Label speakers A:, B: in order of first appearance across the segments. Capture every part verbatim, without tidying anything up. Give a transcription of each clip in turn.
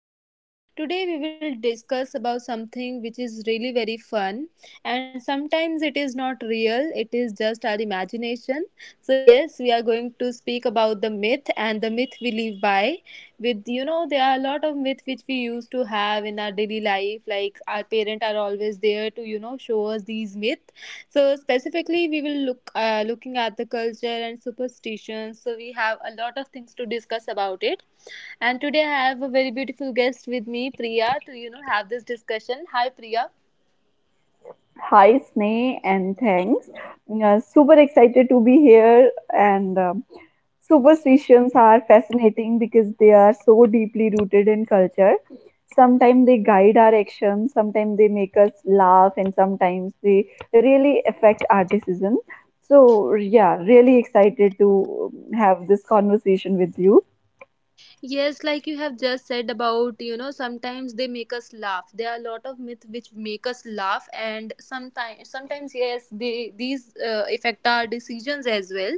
A: and today we will discuss about something which is really very fun, and sometimes it is not real, it is just our imagination. So yes, we are going to speak about the myth and the myth we live by. With you know, there are a lot of myths which we used to have in our daily life, like our parents are always there to, you know, show us these myths, so specifically, we will look uh, looking at the culture and superstitions. So we have a lot of things to discuss about it. And today I have a very beautiful guest with me, Priya, to you know have this discussion. Hi, Priya.
B: Hi, Sneh, and thanks. Uh, super excited to be here. And um, Superstitions are fascinating because they are so deeply rooted in culture. Sometimes they guide our actions, sometimes they make us laugh, and sometimes they really affect our decision. So, yeah, really excited to um, have this conversation with you.
A: Yes, like you have just said about, you know, sometimes they make us laugh. There are a lot of myths which make us laugh, and sometimes, sometimes yes, they these uh, affect our decisions as well.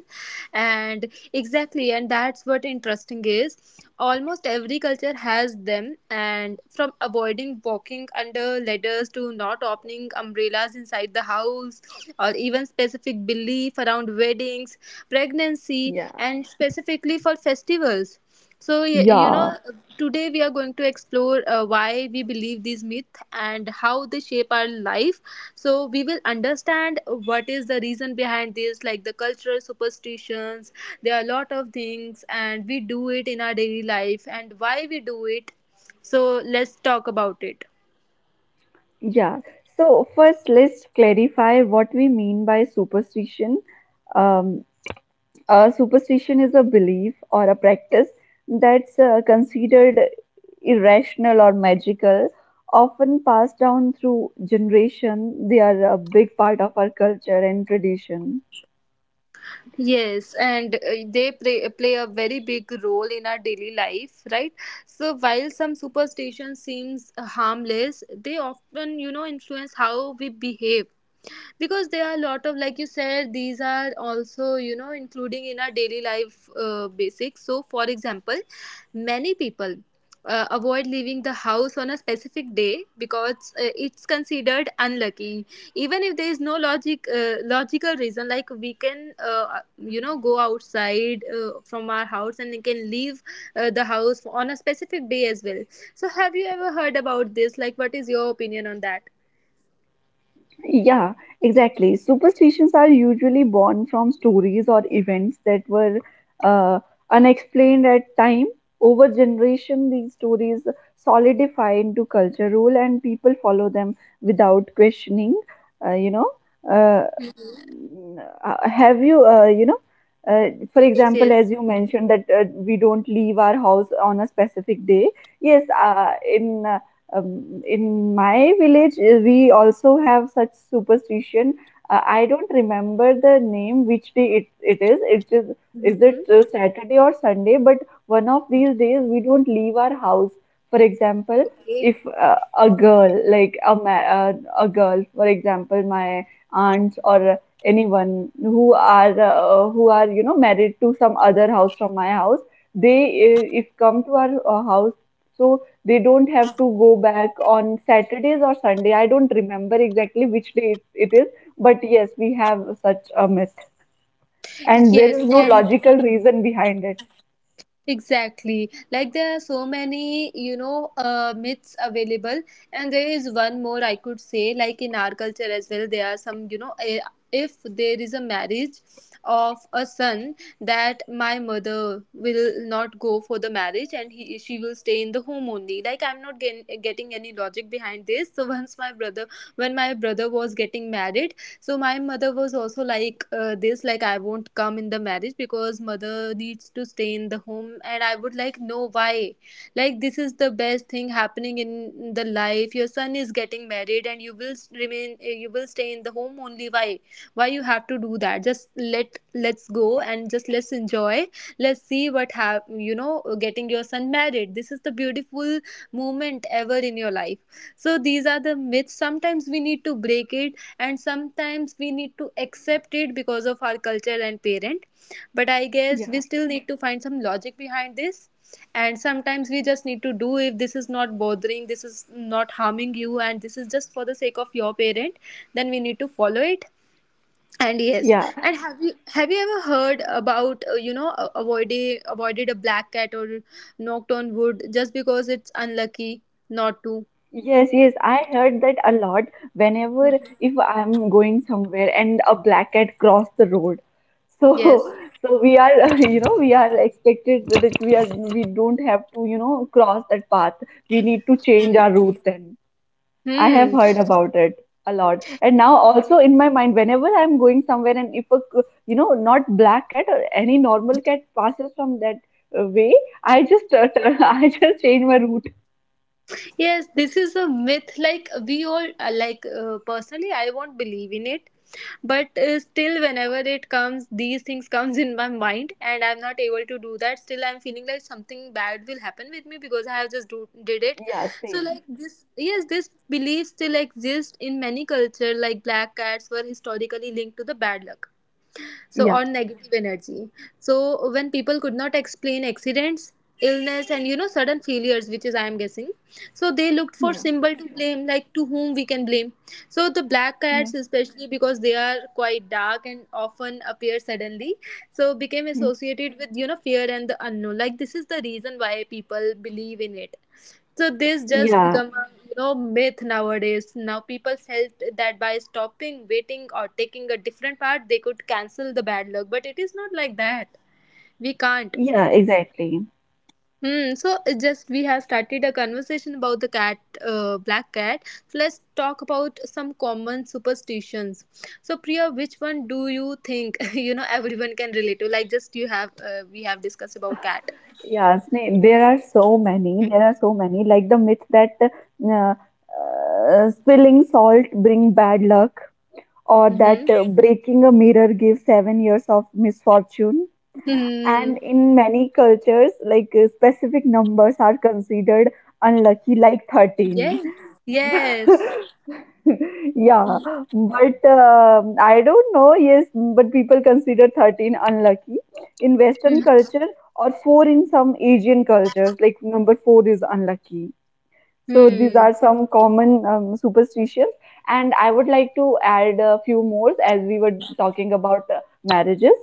A: And exactly, and that's what interesting is. Almost every culture has them, and from avoiding walking under ladders to not opening umbrellas inside the house, or even specific belief around weddings, pregnancy,
B: Yeah.
A: and specifically for festivals. So, y- you
B: Yeah,
A: know, today we are going to explore uh, why we believe these myths and how they shape our life. So, we will understand what is the reason behind this, like the cultural superstitions. There are a lot of things, and we do it in our daily life, and why we do it. So, let's talk about it.
B: yeah. So first, let's clarify what we mean by superstition. Um. A superstition is a belief or a practice that's uh, considered irrational or magical, often passed down through generation. They are a big part of our culture and tradition.
A: Yes, and uh, they play, play a very big role in our daily life, right? So while some superstition seems harmless, they often, you know, influence how we behave, because there are a lot of, like you said, these are also you know including in our daily life, uh, basics. So for example, many people uh, avoid leaving the house on a specific day, because uh, it's considered unlucky, even if there is no logic uh, logical reason. Like we can, uh, you know go outside, uh, from our house, and we can leave uh, the house on a specific day as well. So have you ever heard about this? Like, what is your opinion on that?
B: Yeah, exactly. Superstitions are usually born from stories or events that were uh, unexplained at time. Over generation, these stories solidify into culture rule, and people follow them without questioning. Uh, you know, uh,
A: Mhm.
B: uh, have you, uh, you know, uh, For
A: Yes,
B: example,
A: yes.
B: as you mentioned that uh, we don't leave our house on a specific day. Yes, uh, in uh, um, in my village uh, we also have such superstition. uh, I don't remember the name, which day it, it is it is Is it
A: Mhm.
B: uh, Saturday or Sunday? But one of these days we don't leave our house. For example,
A: Okay.
B: if uh, a girl, like a ma- uh, a girl, for example, my aunts or anyone who are uh, who are, you know, married to some other house from my house, they uh, if come to our uh, house, so they don't have to go back on Saturdays or Sunday. I don't remember exactly which day it, it is, but yes, we have such a myth. And there
A: Yes,
B: is no
A: and
B: logical reason behind it.
A: exactly. Like there are so many, you know, uh, myths available, and there is one more I could say. Like in our culture as well, there are some, you know, eh, if there is a marriage of a son, that my mother will not go for the marriage, and he she will stay in the home only. Like I'm not getting getting any logic behind this. So once my brother, when my brother was getting married, so my mother was also like, uh, this, like, I won't come in the marriage because mother needs to stay in the home, and I would like, no, why? Like, this is the best thing happening in the life, your son is getting married, and you will s- remain uh, you will stay in the home only. Why why you have to do that? Just let let's go, and just let's enjoy, let's see what have, you know, getting your son married, this is the beautiful moment ever in your life. So these are the myths. Sometimes we need to break it, and sometimes we need to accept it because of our culture and parent. But I guess we
B: Yeah.
A: still need to find some logic behind this. And sometimes we just need to do, if this is not bothering, this is not harming you, and this is just for the sake of your parent, then we need to follow it. And yes,
B: Yeah.
A: and have you have you ever heard about, uh, you know a- avoided avoided a black cat, or knocked on wood, just because it's unlucky not to?
B: Yes, yes. I heard that a lot. Whenever
A: Mhm.
B: if I'm going somewhere and a black cat crossed the road. So
A: Yes.
B: so we are you know, we are expected that we are, we don't have to, you know, cross that path. We need to change our route then. I have
A: Hmm.
B: heard about it a lot. And now also in my mind, whenever I'm going somewhere and if a, c- you know, not black cat or any normal cat passes from that uh, way, I just, uh, I just change my route.
A: Yes, this is a myth. Like we all, uh, like, uh, personally, I won't believe in it, but uh, still, whenever it comes, these things comes in my mind, and I'm not able to do that. Still, I'm feeling like something bad will happen with me because I have just do, did it.
B: Yeah,
A: So,
B: same.
A: like this, yes, this belief still exists in many culture. Like black cats were historically linked to the bad luck, so,
B: Yeah,
A: or negative energy. So when people could not explain accidents, illness, and you know sudden failures, which is I am guessing, so they looked for
B: yeah,
A: symbol to blame, like to whom we can blame. So the black
B: yeah.
A: cats, especially because they are quite dark and often appear suddenly, so became
B: Mm.
A: associated with, you know fear and the unknown, like this is the reason why people believe in it. So this just
B: Yeah,
A: become a, you know myth nowadays. Now people felt that by stopping, waiting, or taking a different part, they could cancel the bad luck. But it is not like that. We can't.
B: yeah, exactly.
A: Hmm. So it's just we have started a conversation about the cat, uh, black cat. So let's talk about some common superstitions. So Priya, which one do you think you know everyone can relate to? Like, just you have uh, we have discussed about cat.
B: Yeah, snake. There are so many. There are so many. Like the myth that uh, uh, spilling salt bring bad luck, or that
A: Mm-hmm.
B: uh, breaking a mirror gives seven years of misfortune. And
A: Mm,
B: in many cultures, like uh, specific numbers are considered unlucky, like thirteen.
A: yes. Yes.
B: Yeah,
A: Mm-hmm.
B: but um I don't know. Yes, but people consider thirteen unlucky in Western culture or four in some Asian cultures, like number four is unlucky. So these
A: हुँ।
B: are some common um, superstitions, and I would like to add a few more, as we were talking about uh, marriages.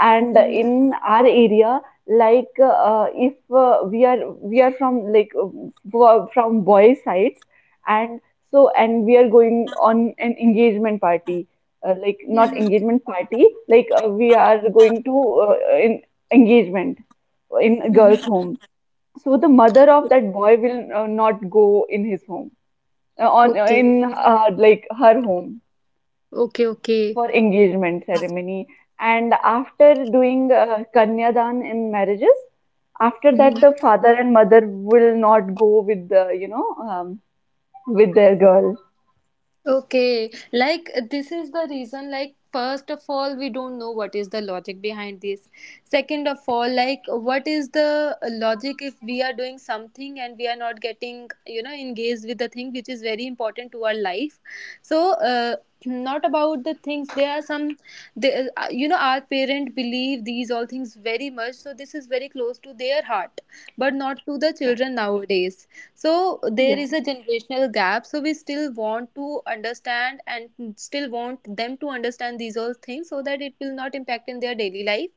B: And
A: हुँ, हुँ।
B: in our area, like uh, if uh, we are, we are from, like uh, fro- from boy sides, and so and we are going on an engagement party, uh, like not
A: hmm,
B: engagement party, like uh, we are going to uh, in engagement in a girl's
A: हुँ।
B: home. So the mother of that boy will uh, not go in his home, uh, on uh,
A: okay,
B: in uh, like her home,
A: okay, okay.
B: for engagement ceremony. And after doing uh, kanyadan in marriages, after that
A: hmm.
B: the father and mother will not go with the, you know, um, with their girl.
A: Okay, like uh, this is the reason, like, first of all, we don't know what is the logic behind this. Second of all, like, what is the uh, logic if we are doing something and we are not getting, you know, engaged with the thing which is very important to our life. So, uh, not about the things, there are some they, uh, uh, you know our parent believe these all things very much, so this is very close to their heart, but not to the
B: Yeah.
A: children nowadays. So there
B: Yeah.
A: is a generational gap, so we still want to understand and still want them to understand these all things, so that it will not impact in their daily life.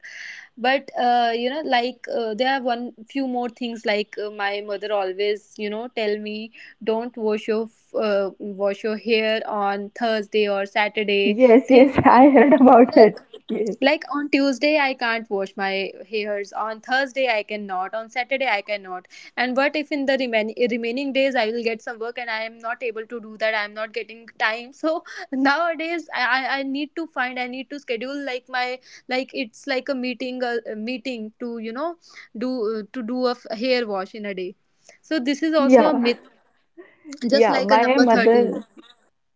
A: But uh, you know like, uh, there are one few more things, like uh, my mother always, you know, tell me, don't wash your f- uh, wash your hair on thursday or saturday,
B: Yes, yes,
A: things like
B: I
A: this,
B: heard about
A: like,
B: it. Yes.
A: like on tuesday I can't wash my hairs, on thursday I cannot, on saturday I cannot. And what if in the reman- remaining days I will get some work and I am not able to do that, I am not getting time. So nowadays I I I need to find I need to schedule, like my, like it's like a meeting, a, a meeting to, you know, do uh, to do a f- hair wash in a day. So this is also a
B: Yeah.
A: myth, just
B: Yeah,
A: like a
B: my
A: number thirteen.
B: mother,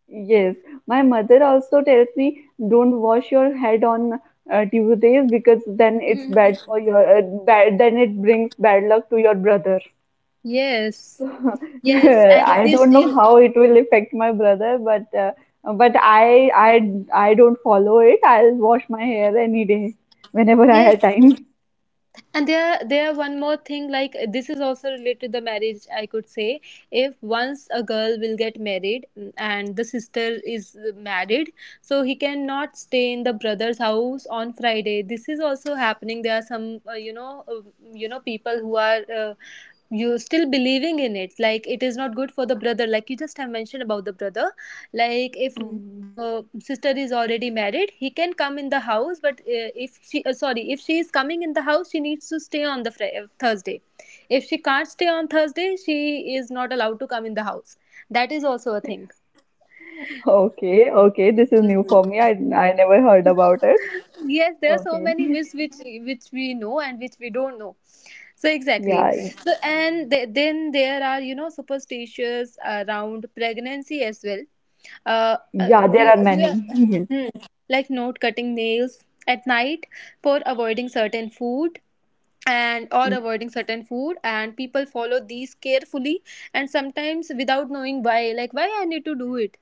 B: yes, my mother also tells me, don't wash your head on uh, Tuesdays, because then it's bad
A: Mhm.
B: for your uh, bad, then it brings bad luck to your brother.
A: Yes.
B: So
A: Yes, and it
B: I
A: is,
B: don't know
A: eh,
B: how it will affect my brother, but uh, but I I I don't follow it. I'll wash my hair any day whenever I have
A: yes,
B: time.
A: and there there one more thing, like this is also related to the marriage, I could say. If once a girl will get married, mm, and the sister is married, so he cannot stay in the brother's house on friday. This is also happening. There are some uh, you know uh, you know people who are, uh, you still believing in it, like it is not good for the brother. Like, you just have mentioned about the brother, like, if
B: Mm.
A: the sister is already married, he can come in the house, but uh, if she, uh, sorry, if she is coming in the house, she needs to stay on the Fri- uh, thursday. If she can't stay on thursday, she is not allowed to come in the house. That is also a thing.
B: Okay, okay, this is new for
A: Mhm.
B: me. I I never heard about it.
A: Yes, there are so
B: Okay,
A: many myths, which which we know and which we don't know. So exactly,
B: yeah,
A: so and th- then there are, you know superstitions around pregnancy as well. uh, uh
B: yeah, there
A: do,
B: are
A: do
B: many.
A: you,
B: Yes,
A: hmm, like, not cutting nails at night, for avoiding certain food, and or
B: and
A: avoiding certain food, and people follow these carefully, and sometimes without knowing why, like why I need to do it,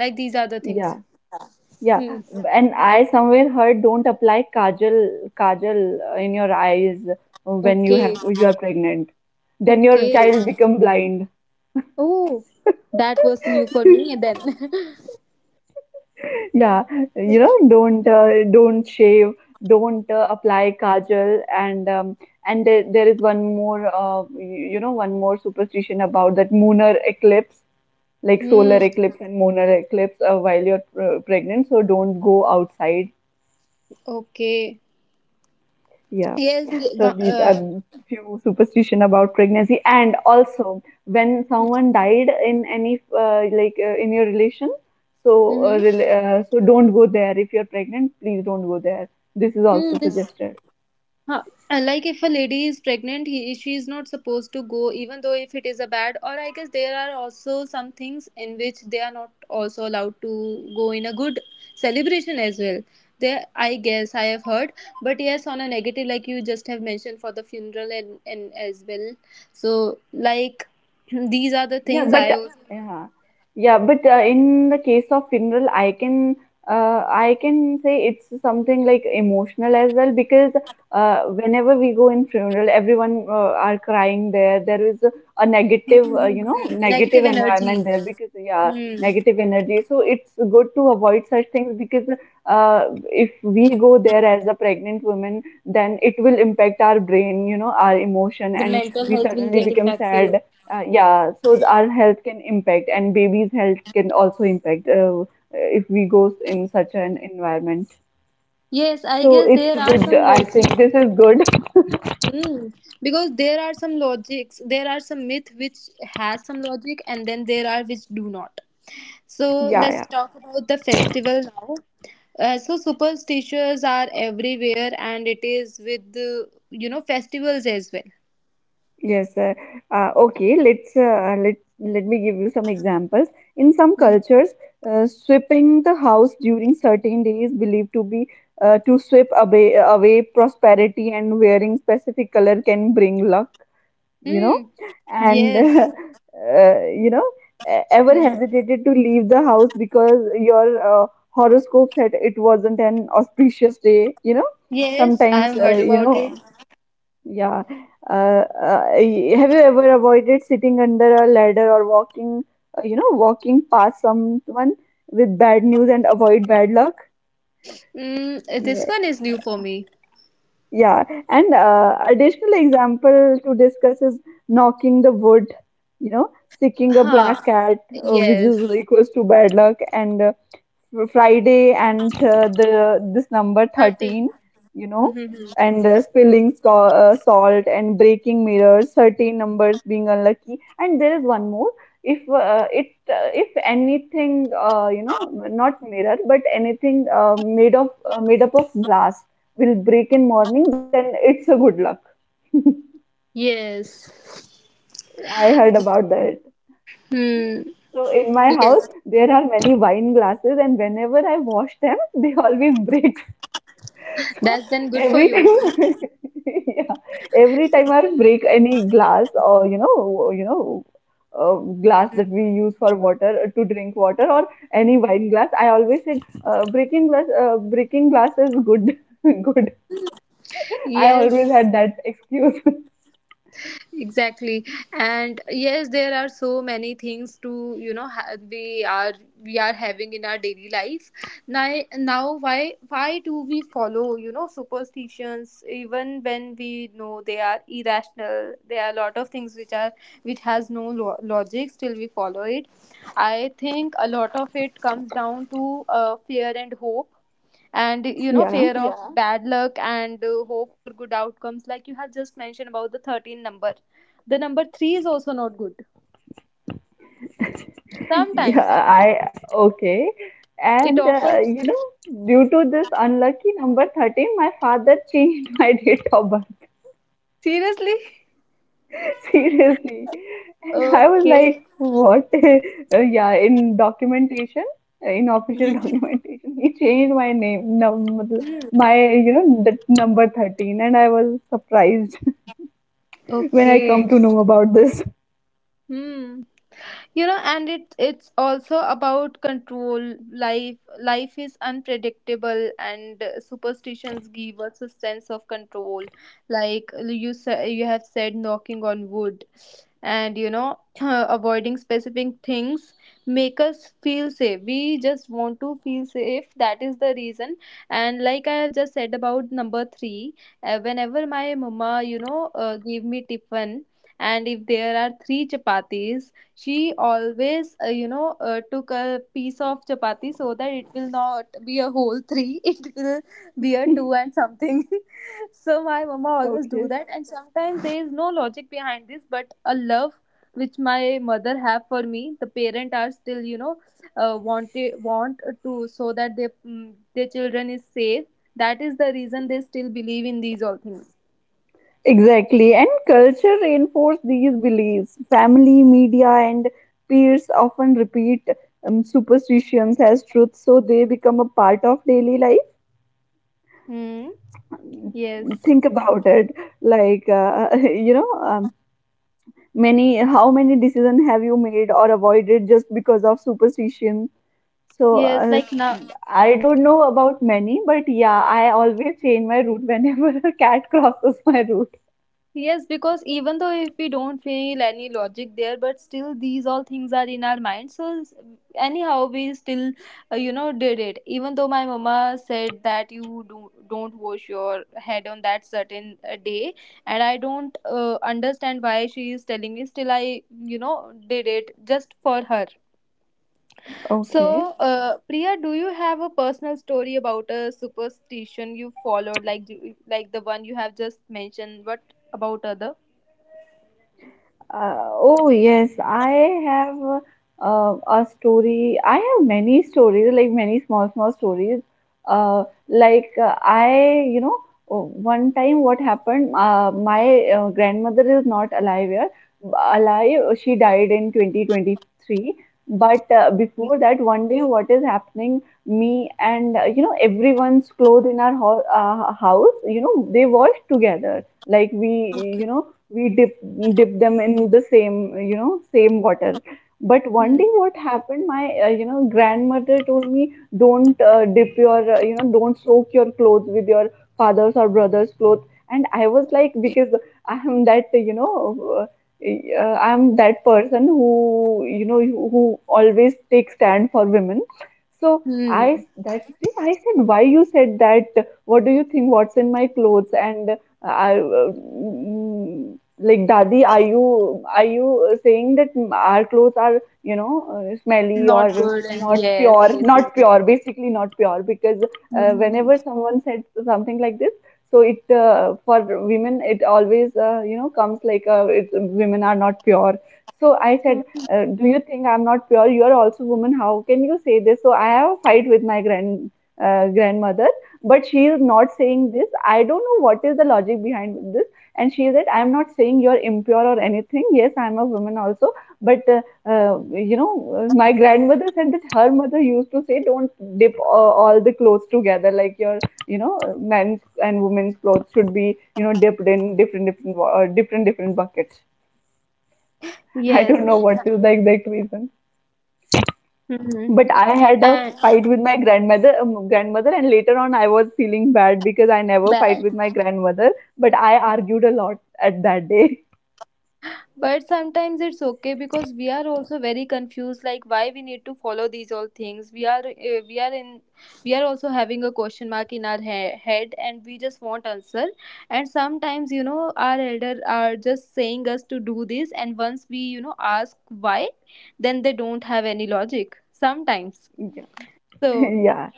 A: like these are the things.
B: yeah. Yeah,
A: Hmm.
B: and I somewhere heard, don't apply kajal kajal uh, in your eyes when you
A: Okay.
B: have you are pregnant. Then your
A: Okay.
B: child become blind.
A: Oh, that was new for me then.
B: Yeah, you know, don't uh, don't shave, don't uh, apply kajal, and um, and there, there is one more uh, y- you know, one more superstition about that lunar eclipse, like solar
A: Hmm.
B: eclipse and lunar eclipse uh, while you're uh, pregnant. So don't go outside.
A: Okay.
B: Yeah.
A: Yes.
B: So
A: wa-
B: these are
A: Uh,
B: few superstition about pregnancy, and also when someone died in any uh, like uh, in your relation, so uh,
A: Mm-hmm.
B: rel- uh, so don't go there if you're pregnant. Please don't go there. This is
A: Hmm,
B: also
A: this.
B: suggested.
A: Huh. Uh, Like if a lady is pregnant, he, she is not supposed to go, even though if it is a bad. Or I guess there are also some things in which they are not also allowed to go in a good celebration as well. There, I guess I have heard, but yes, on a negative, like you just have mentioned, for the funeral and and as well. So, like these are the
B: Yeah,
A: things I
B: but
A: also.
B: yeah, yeah, but uh, in the case of funeral, I can uh, I can say it's something like emotional as well, because uh, whenever we go in funeral, everyone uh, are crying there. There is a, a negative, uh, you know,
A: Mhm.
B: negative
A: Negative energy.
B: environment there, because yeah,
A: Hmm.
B: negative energy. So it's good to avoid such things, because uh, if we go there as a pregnant woman, then it will impact our brain, you know, our emotion,
A: The
B: and
A: mental
B: we
A: health will
B: suddenly
A: get
B: become
A: impacted.
B: sad. Uh, yeah, so our health can impact, and baby's health can also impact uh, if we go in such an environment.
A: Yes, I
B: So
A: guess
B: it's
A: there are
B: good.
A: some
B: I think
A: logic.
B: this is good.
A: Hmm. Because there are some logics, there are some myth which has some logic, and then there are which do not. So
B: Yeah,
A: let's
B: yeah,
A: talk about the festival now. Uh, so superstitions are everywhere, and it is with the you know festivals as well.
B: yes. Uh, uh, okay, let's uh, let let me give you some examples. In some
A: Hmm.
B: cultures, uh, sweeping the house during certain days believed to be uh, to sweep away away prosperity, and wearing specific color can bring luck. You know,
A: Hmm.
B: and
A: Yes.
B: uh, you know, e- ever
A: Hmm.
B: hesitated to leave the house because your uh, horoscope said it wasn't an auspicious day, you know.
A: Yes,
B: Sometimes,
A: I've
B: uh,
A: heard
B: you
A: about it.
B: know, yeah. Uh, uh, y- have you ever avoided sitting under a ladder or walking, uh, you know, walking past someone with bad news and avoid bad luck?
A: Mm, this one is new for me.
B: Yeah, and uh, additional example to discuss is knocking the wood, you know, sticking a black
A: Ha,
B: cat, uh, which
A: yes.
B: is equals to bad luck, and uh, Friday and uh, the this number
A: Hurting.
B: thirteen, you know,
A: Mhm.
B: and uh, spilling so uh, salt and breaking mirrors, thirteen numbers being unlucky. And there is one more. If uh, it uh, if anything uh, you know, not mirror, but anything uh, made of uh, made up of glass will break in morning, then it's a good luck.
A: Yes.
B: I heard about that.
A: Hmm.
B: So in my house,
A: Yes.
B: there are many wine glasses, and whenever I wash them, they always break. So
A: That's then good for
B: every
A: you.
B: time, yeah, every time I break any glass or you know, you know, uh, glass that we use for water uh, to drink water or any wine glass, I always said, uh, breaking glass, uh, breaking glass is good, good. I always
A: Yes.
B: had that excuse.
A: Exactly. And yes, there are so many things to you know ha- we are we are having in our daily life. Now now, why why do we follow you know superstitions even when we know they are irrational. There are a lot of things which are which has no lo- logic, still we follow it. I think a lot of it comes down to uh, fear and hope, and you know
B: Yeah.
A: fear of, yeah, bad luck, and uh, hope for good outcomes, like you have just mentioned about the thirteen number. The number three is also not good
B: Yeah,
A: sometimes.
B: I Okay.
A: It
B: And uh,
A: offers.
B: you know, due to this unlucky number thirteen, my father changed my date of birth.
A: Seriously.
B: Seriously. And I was
A: Okay.
B: like, what? Uh, yeah, in documentation, uh, in official documentation, he changed my name, num मतलब my, you know, the number thirteen. And I was surprised when I come
A: Okay.
B: to know about this.
A: Hmm. You know and it it's also about control. Life life is unpredictable, and uh, superstitions give us a sense of control, like you said you have said, knocking on wood, and you know avoiding specific things make us feel safe. We just want to feel safe, that is the reason. And like I have just said about number three, uh, whenever my mama, you know uh, gave me tiffin, and if there are three chapatis, she always, uh, you know, uh, took a piece of chapati so that it will not be a whole three. It will be a two and something. So my mama always do
B: Okay.
A: that, and sometimes there is no logic behind this, but a love which my mother have for me. The parent are still, you know, uh, want it, want to, so that their mm, their children is safe. That is the reason they still believe in these all things.
B: Exactly. And culture reinforce these beliefs. Family, media, and peers often repeat um, superstitions as truth, so they become a part of daily life.
A: Hmm. Yes.
B: Think about it, like uh, you know, um, many how many decisions have you made or avoided just because of superstition? So
A: Yes.
B: uh,
A: Like now.
B: I don't know about many, but yeah, I always change my route whenever a cat crosses my route.
A: Yes, because even though if we don't feel any logic there, but still these all things are in our mind. So, s- anyhow, we still, uh, you know, did it. Even though my mama said that you do don't wash your head on that certain uh, day, and I don't uh, understand why she is telling me. Still, I, you know, did it just for her.
B: Okay.
A: So, uh, Priya, do you have a personal story about a superstition you followed, like do- like the one you have just mentioned? What about other?
B: Uh, oh yes, I have uh, a story. I have many stories, like many small, small stories. Uh, like uh, I, you know, oh, one time what happened, uh, my uh, grandmother is not alive here. Alive, she died in twenty twenty-three. But uh, before that, one day, what is happening? Me and uh, you know, everyone's clothes in our ho uh, house, you know, they washed together. Like we, you know we dip dip them in the same, you know same water. But one
A: Hmm.
B: day, what happened? My uh, you know grandmother told me, don't uh, dip your uh, you know don't soak your clothes with your father's or brother's clothes. And I was like, because I am that, you know uh, I'm that person who, you know who who always takes stand for women. So, I
A: Hmm.
B: that day I said, why you said that? What do you think, what's in my clothes? And I, uh, mm, like, Dadi, are you are you saying that our clothes are, you know uh, smelly
A: Not
B: or
A: good. And
B: not
A: yes,
B: pure,
A: yes, yes.
B: not pure, basically not pure. Because uh,
A: Mhm.
B: whenever someone said something like this, so it uh, for women it always, uh, you know comes like, uh, it's, women are not pure. So I said,
A: Mhm.
B: uh, do you think I'm not pure? You are also woman, how can you say this? So I have a fight with my grand uh, grandmother. But she is not saying this, I don't know what is the logic behind this. And she said, I'm not saying you're impure or anything. Yes, I'm a woman also. But, uh, uh, you know, uh, my grandmother said that her mother used to say, don't dip uh, all the clothes together. Like your, you know, men's and women's clothes should be, you know, dipped in different, different, wa- uh, different, different buckets. I
A: Yes.
B: don't know what is the exact reason.
A: Hmm.
B: But I had a
A: And
B: fight with my grandmother, um, grandmother, and later on I was feeling bad because I never fight
A: bad.
B: with my grandmother. But I argued a lot at that day.
A: But sometimes it's okay because we are also very confused, like why we need to follow these all things. We are uh, we are in we are also having a question mark in our he- head, and we just want answer. And sometimes you know our elder are just saying us to do this, and once we you know ask why, then they don't have any logic. Sometimes,
B: Yeah,
A: so.
B: yeah.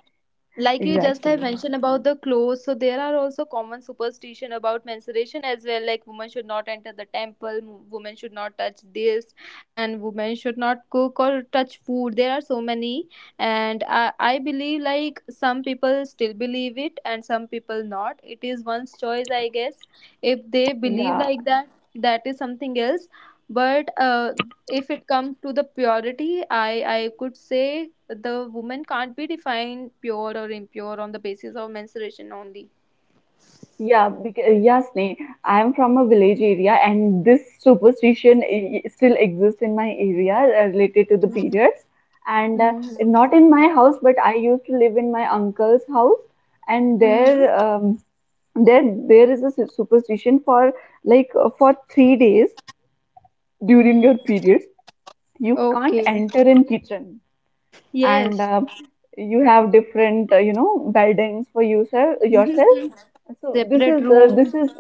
A: Like you just have
B: Exactly.
A: mentioned about the clothes, so there are also common superstition about menstruation as well, like women should not enter the temple, m- women should not touch this, and women should not cook or touch food. There are so many, and i, I believe like some people still believe it and some people not. It is one's choice, I guess, if they believe
B: Yeah,
A: like that, that is something else. But uh, if it comes to the purity, i i could say the woman can't be defined pure or impure on the basis of menstruation only.
B: yeah, because, yeah, Sneh. I am from a village area, and this superstition i- i- still exists in my area, uh, related to the
A: Mhm.
B: periods. And uh,
A: Mhm.
B: Not in my house, but I used to live in my uncle's house, and
A: Mhm.
B: there, um, there, there is a su- superstition for, like uh, for three days during
A: Mhm.
B: your periods, you can't
A: Okay.
B: enter in kitchen, and
A: Yes.
B: uh, you have different, uh, you know, beddings for yourself, yourself
A: Mhm.
B: So this
A: Separate
B: is the
A: room.
B: this is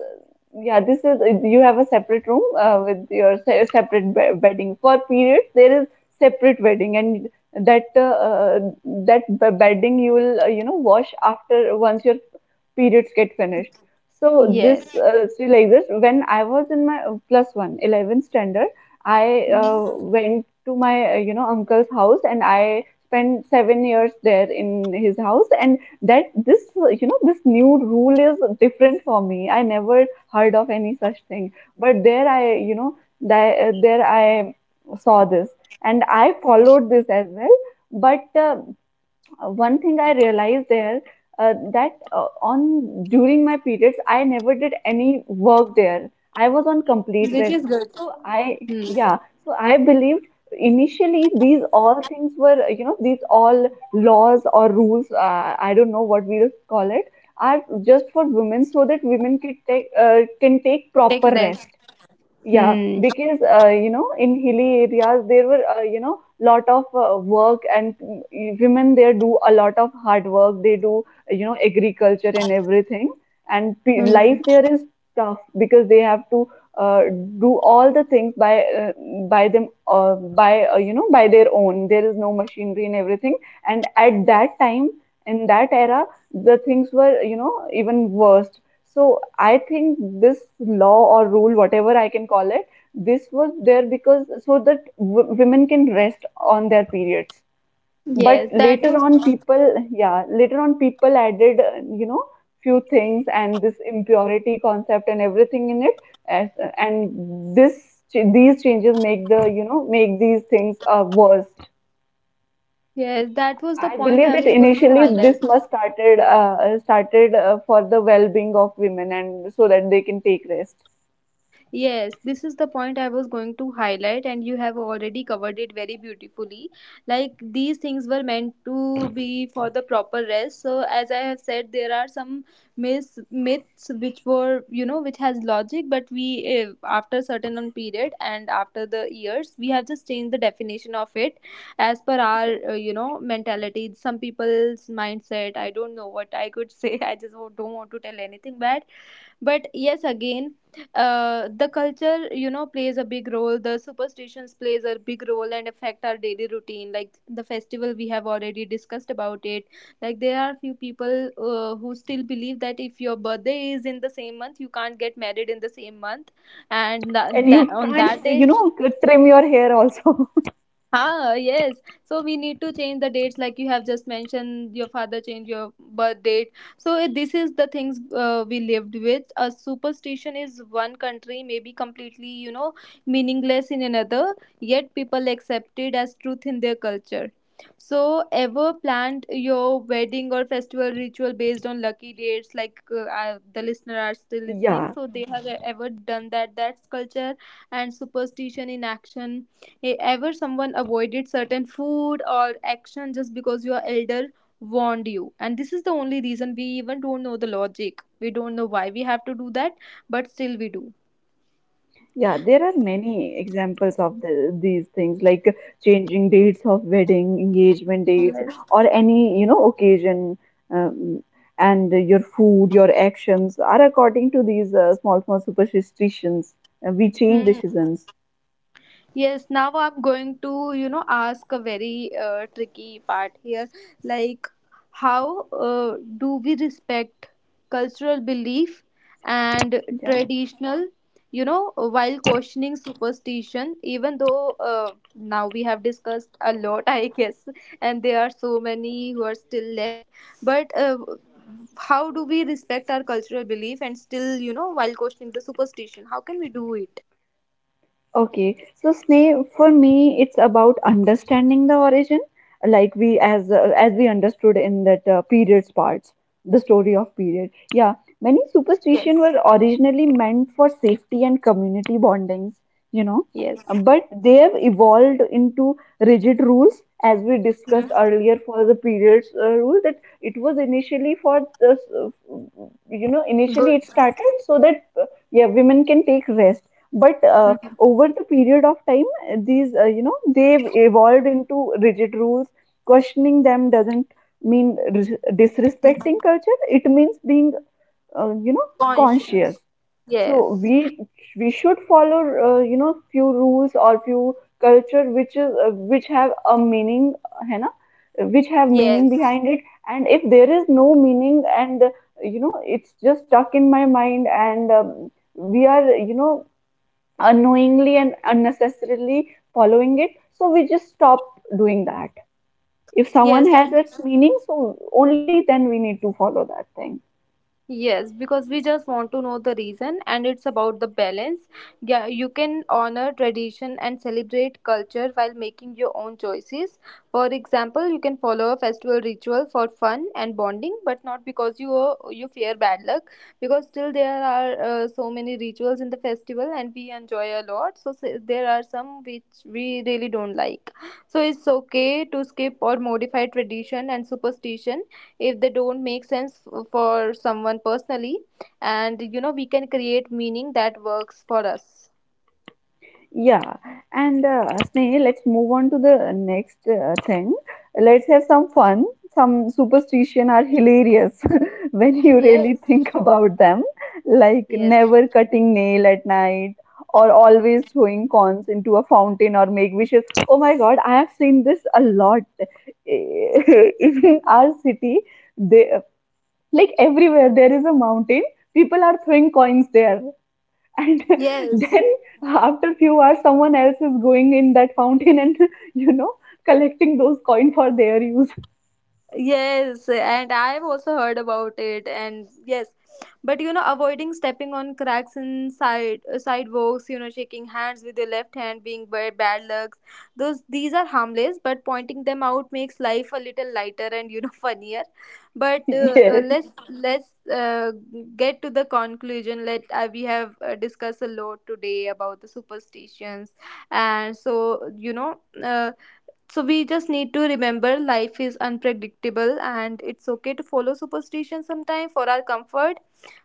B: yeah, this is, you have a separate room, uh, with your se- separate be- bedding for periods. There is separate bedding, and that uh, uh, that be- bedding you will, uh, you know wash after once your periods get finished. So this
A: Yes.
B: uh, see, like this, when I was in my uh, plus one eleventh standard, I
A: Mhm.
B: uh, went to my uh, you know uncle's house, and I spent seven years there in his house, and that this you know this new rule is different for me. I never heard of any such thing. But there I, you know there, there I saw this, and I followed this as well. But uh, uh, one thing I realized there, uh, that uh, on during my periods, I never did any work there. I was on complete
A: Which
B: rest.
A: is good.
B: So I,
A: Hmm.
B: yeah. So I believed initially these all things were, uh, you know these all laws or rules, uh, I don't know what we'll call it, are just for women, so that women can take, uh, can take
A: Take
B: proper
A: rest.
B: rest. Yeah,
A: Hmm.
B: because, uh, you know, in hilly areas there were, uh, you know lot of uh, work, and mm, women there do a lot of hard work. They do uh, you know agriculture and everything, and pe life
A: Hmm.
B: there is tough because they have to, uh, do all the things by uh, by them uh, by uh, you know by their own. There is no machinery and everything. And at that time, in that era, the things were, you know even worse. So I think this law or rule, whatever I can call it, this was there because, so that w- women can rest on their periods. But
A: Yes, that
B: later
A: was
B: on, people, yeah, later on, people added, uh, you know, few things and this impurity concept and everything in it, as, and this these changes make the you know make these things uh, worse.
A: yes, that was the
B: I
A: point
B: believe
A: I
B: that
A: was going to
B: initially
A: highlight.
B: this must started uh, started, uh, for the well-being of women, and so that they can take rest.
A: Yes, this is the point I was going to highlight, and you have already covered it very beautifully. Like these things were meant to be for the proper rest. So, as I have said, there are some myths, myths which were you know which has logic, but we, eh, after certain um, period and after the years, we have just changed the definition of it as per
B: Yeah.
A: our uh, you know mentality. Some people's mindset. I don't know what I could say. I just don't want to tell anything bad, but yes again, uh, the culture you know plays a big role, the superstitions plays a big role and affect our daily routine, like the festival we have already discussed about it. Like there are few people, uh, who still believe that if your birthday is in the same month, you can't get married in the same month and that,
B: And
A: that
B: you
A: on
B: can't,
A: that day.
B: you know trim your hair also.
A: Ah, yes. So we need to change the dates, like you have just mentioned. Your father changed your birth date. So eh, this is the things uh, we lived with. A superstition is one country, maybe completely, you know, meaningless in another. Yet people accept it as truth in their culture. So ever planned your wedding or festival ritual based on lucky dates? Like, uh, I, the listener are still listening,
B: Yeah,
A: so they have, eh, ever done that. That's culture and superstition in action. Hey, ever someone avoided certain food or action just because your elder warned you? And this is the only reason we even don't know the logic. We don't know why we have to do that, but still we do.
B: yeah, there are many examples of the, these things, like changing dates of wedding engagement dates,
A: Yes.
B: or any you know occasion. um, and your food, your actions are according to these, uh, small small superstitions, uh, we change
A: Hmm.
B: decisions.
A: Yes, now I'm going to, you know, ask a very uh, tricky part here. Like, how uh, do we respect cultural belief and
B: Yeah.
A: traditional, you know, while questioning superstition? Even though uh, now we have discussed a lot, I guess, and there are so many who are still left. But uh, how do we respect our cultural belief and still, you know, while questioning the superstition? How can we do it?
B: Okay, so Sneh, for me, it's about understanding the origin, like we as uh, as we understood in that, uh, periods parts, the story of period. Yeah, many
A: Yes.
B: superstition were originally meant for safety and community bondings, you know,
A: Yes.
B: but they have evolved into rigid rules, as we discussed earlier for the periods uh, rule. That it was initially for the, uh, you know, initially
A: Good.
B: it started so that, uh, yeah, women can take rest, but uh,
A: Mhm.
B: over the period of time, uh, these, uh, you know they've evolved into rigid rules. Questioning them doesn't mean ris- disrespecting culture, it means being, uh, you know
A: Conscience.
B: conscious. So
A: Yes,
B: we we should follow, uh, you know few rules or few culture which is, uh, which have a meaning. Hai na? Which have meaning
A: yes,
B: behind it. And if there is no meaning, and uh, you know it's just stuck in my mind, and um, we are, you know unknowingly and unnecessarily following it. So we just stop doing that. If someone
A: yes.
B: has
A: And
B: its meaning, so only then we need to follow that thing.
A: yes, because we just want to know the reason, and it's about the balance. Yeah, you can honor tradition and celebrate culture while making your own choices. For example, you can follow a festival ritual for fun and bonding, but not because you you fear bad luck. Because still there are, uh, so many rituals in the festival, and we enjoy a lot. So s- there are some which we really don't like. So it's okay to skip or modify tradition and superstition if they don't make sense f- for someone personally, and you know we can create meaning that works for us.
B: Yeah, and uh, Sneh, let's move on to the next, uh, thing. Let's have some fun. Some superstition are hilarious when you
A: Yes,
B: really think about them, like
A: yes,
B: never cutting nail at night, or always throwing coins into a fountain or make wishes. Oh my God, I have seen this a lot in our city. They, like everywhere there is a mountain. People are throwing coins there, and
A: yes.
B: then after few hours someone else is going in that fountain, and you know collecting those coin for their use.
A: Yes, and I have also heard about it, and yes, but, you know, avoiding stepping on cracks in side uh, sidewalks, you know, shaking hands with your left hand being bad, bad lucks. Those these are harmless, but pointing them out makes life a little lighter and, you know funnier. But uh, uh,
B: Yes.
A: let's let's uh, get to the conclusion. Let uh, We have uh, discussed a lot today about the superstitions, and so you know, uh, so we just need to remember life is unpredictable and it's okay to follow superstition sometime for our comfort,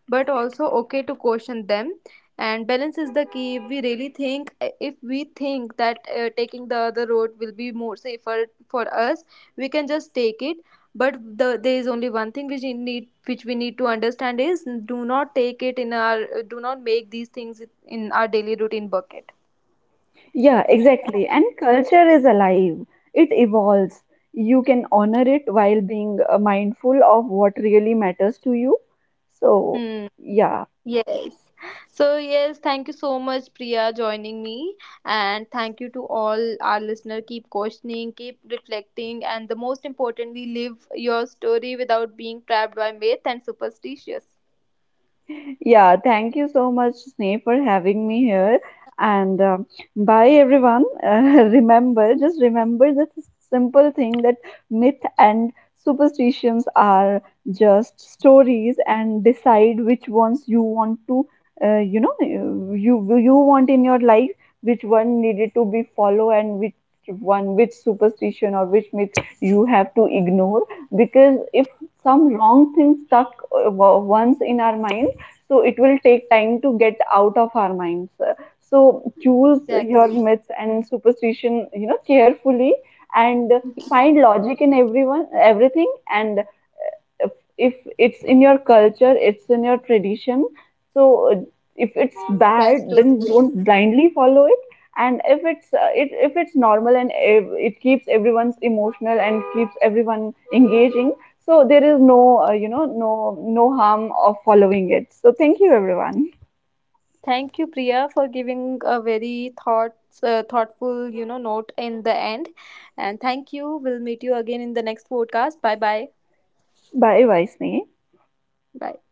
A: but also okay to caution them. And balance is the key. If we really think, if we think that uh, taking the other road will be more safer for us, we can just take it. But the, there is only one thing which we need, which we need to understand is do not take it in our, do not make these things in our daily routine bucket.
B: Yeah, exactly, and culture is alive, it evolves. You can honor it while being, uh, mindful of what really matters to you. So,
A: Hmm.
B: yeah.
A: Yes. So, yes, thank you so much, Priya, joining me. And thank you to all our listener. Keep questioning, keep reflecting, and the most importantly, live your story without being trapped by myth and superstitious.
B: Yeah, thank you so much, Sneh, for having me here. And uh, bye, everyone. Uh, remember, just remember this simple thing, that myth and superstitions are just stories, and decide which ones you want to, uh, you know, you you you want in your life, which one needed to be follow, and which one, which superstition or which myth you have to ignore. Because if some wrong thing stuck uh, wa- once in our mind, so it will take time to get out of our minds. So choose your
A: Exactly.
B: myths and superstition, you know, carefully, and find logic in everyone, everything. And if, if it's in your culture, it's in your tradition, so uh, if it's bad,
A: That's
B: then
A: totally.
B: don't blindly follow it. And if it's uh, it, if it's normal, and if it keeps everyone's emotional and keeps everyone engaging, so there is no uh, you know no no harm of following it. So thank you everyone.
A: Thank you, Priya, for giving a very thoughts, uh, thoughtful, you know, note in the end. And thank you. We'll meet you again in the next podcast. Bye bye.
B: Bye, Vaisni.
A: Bye.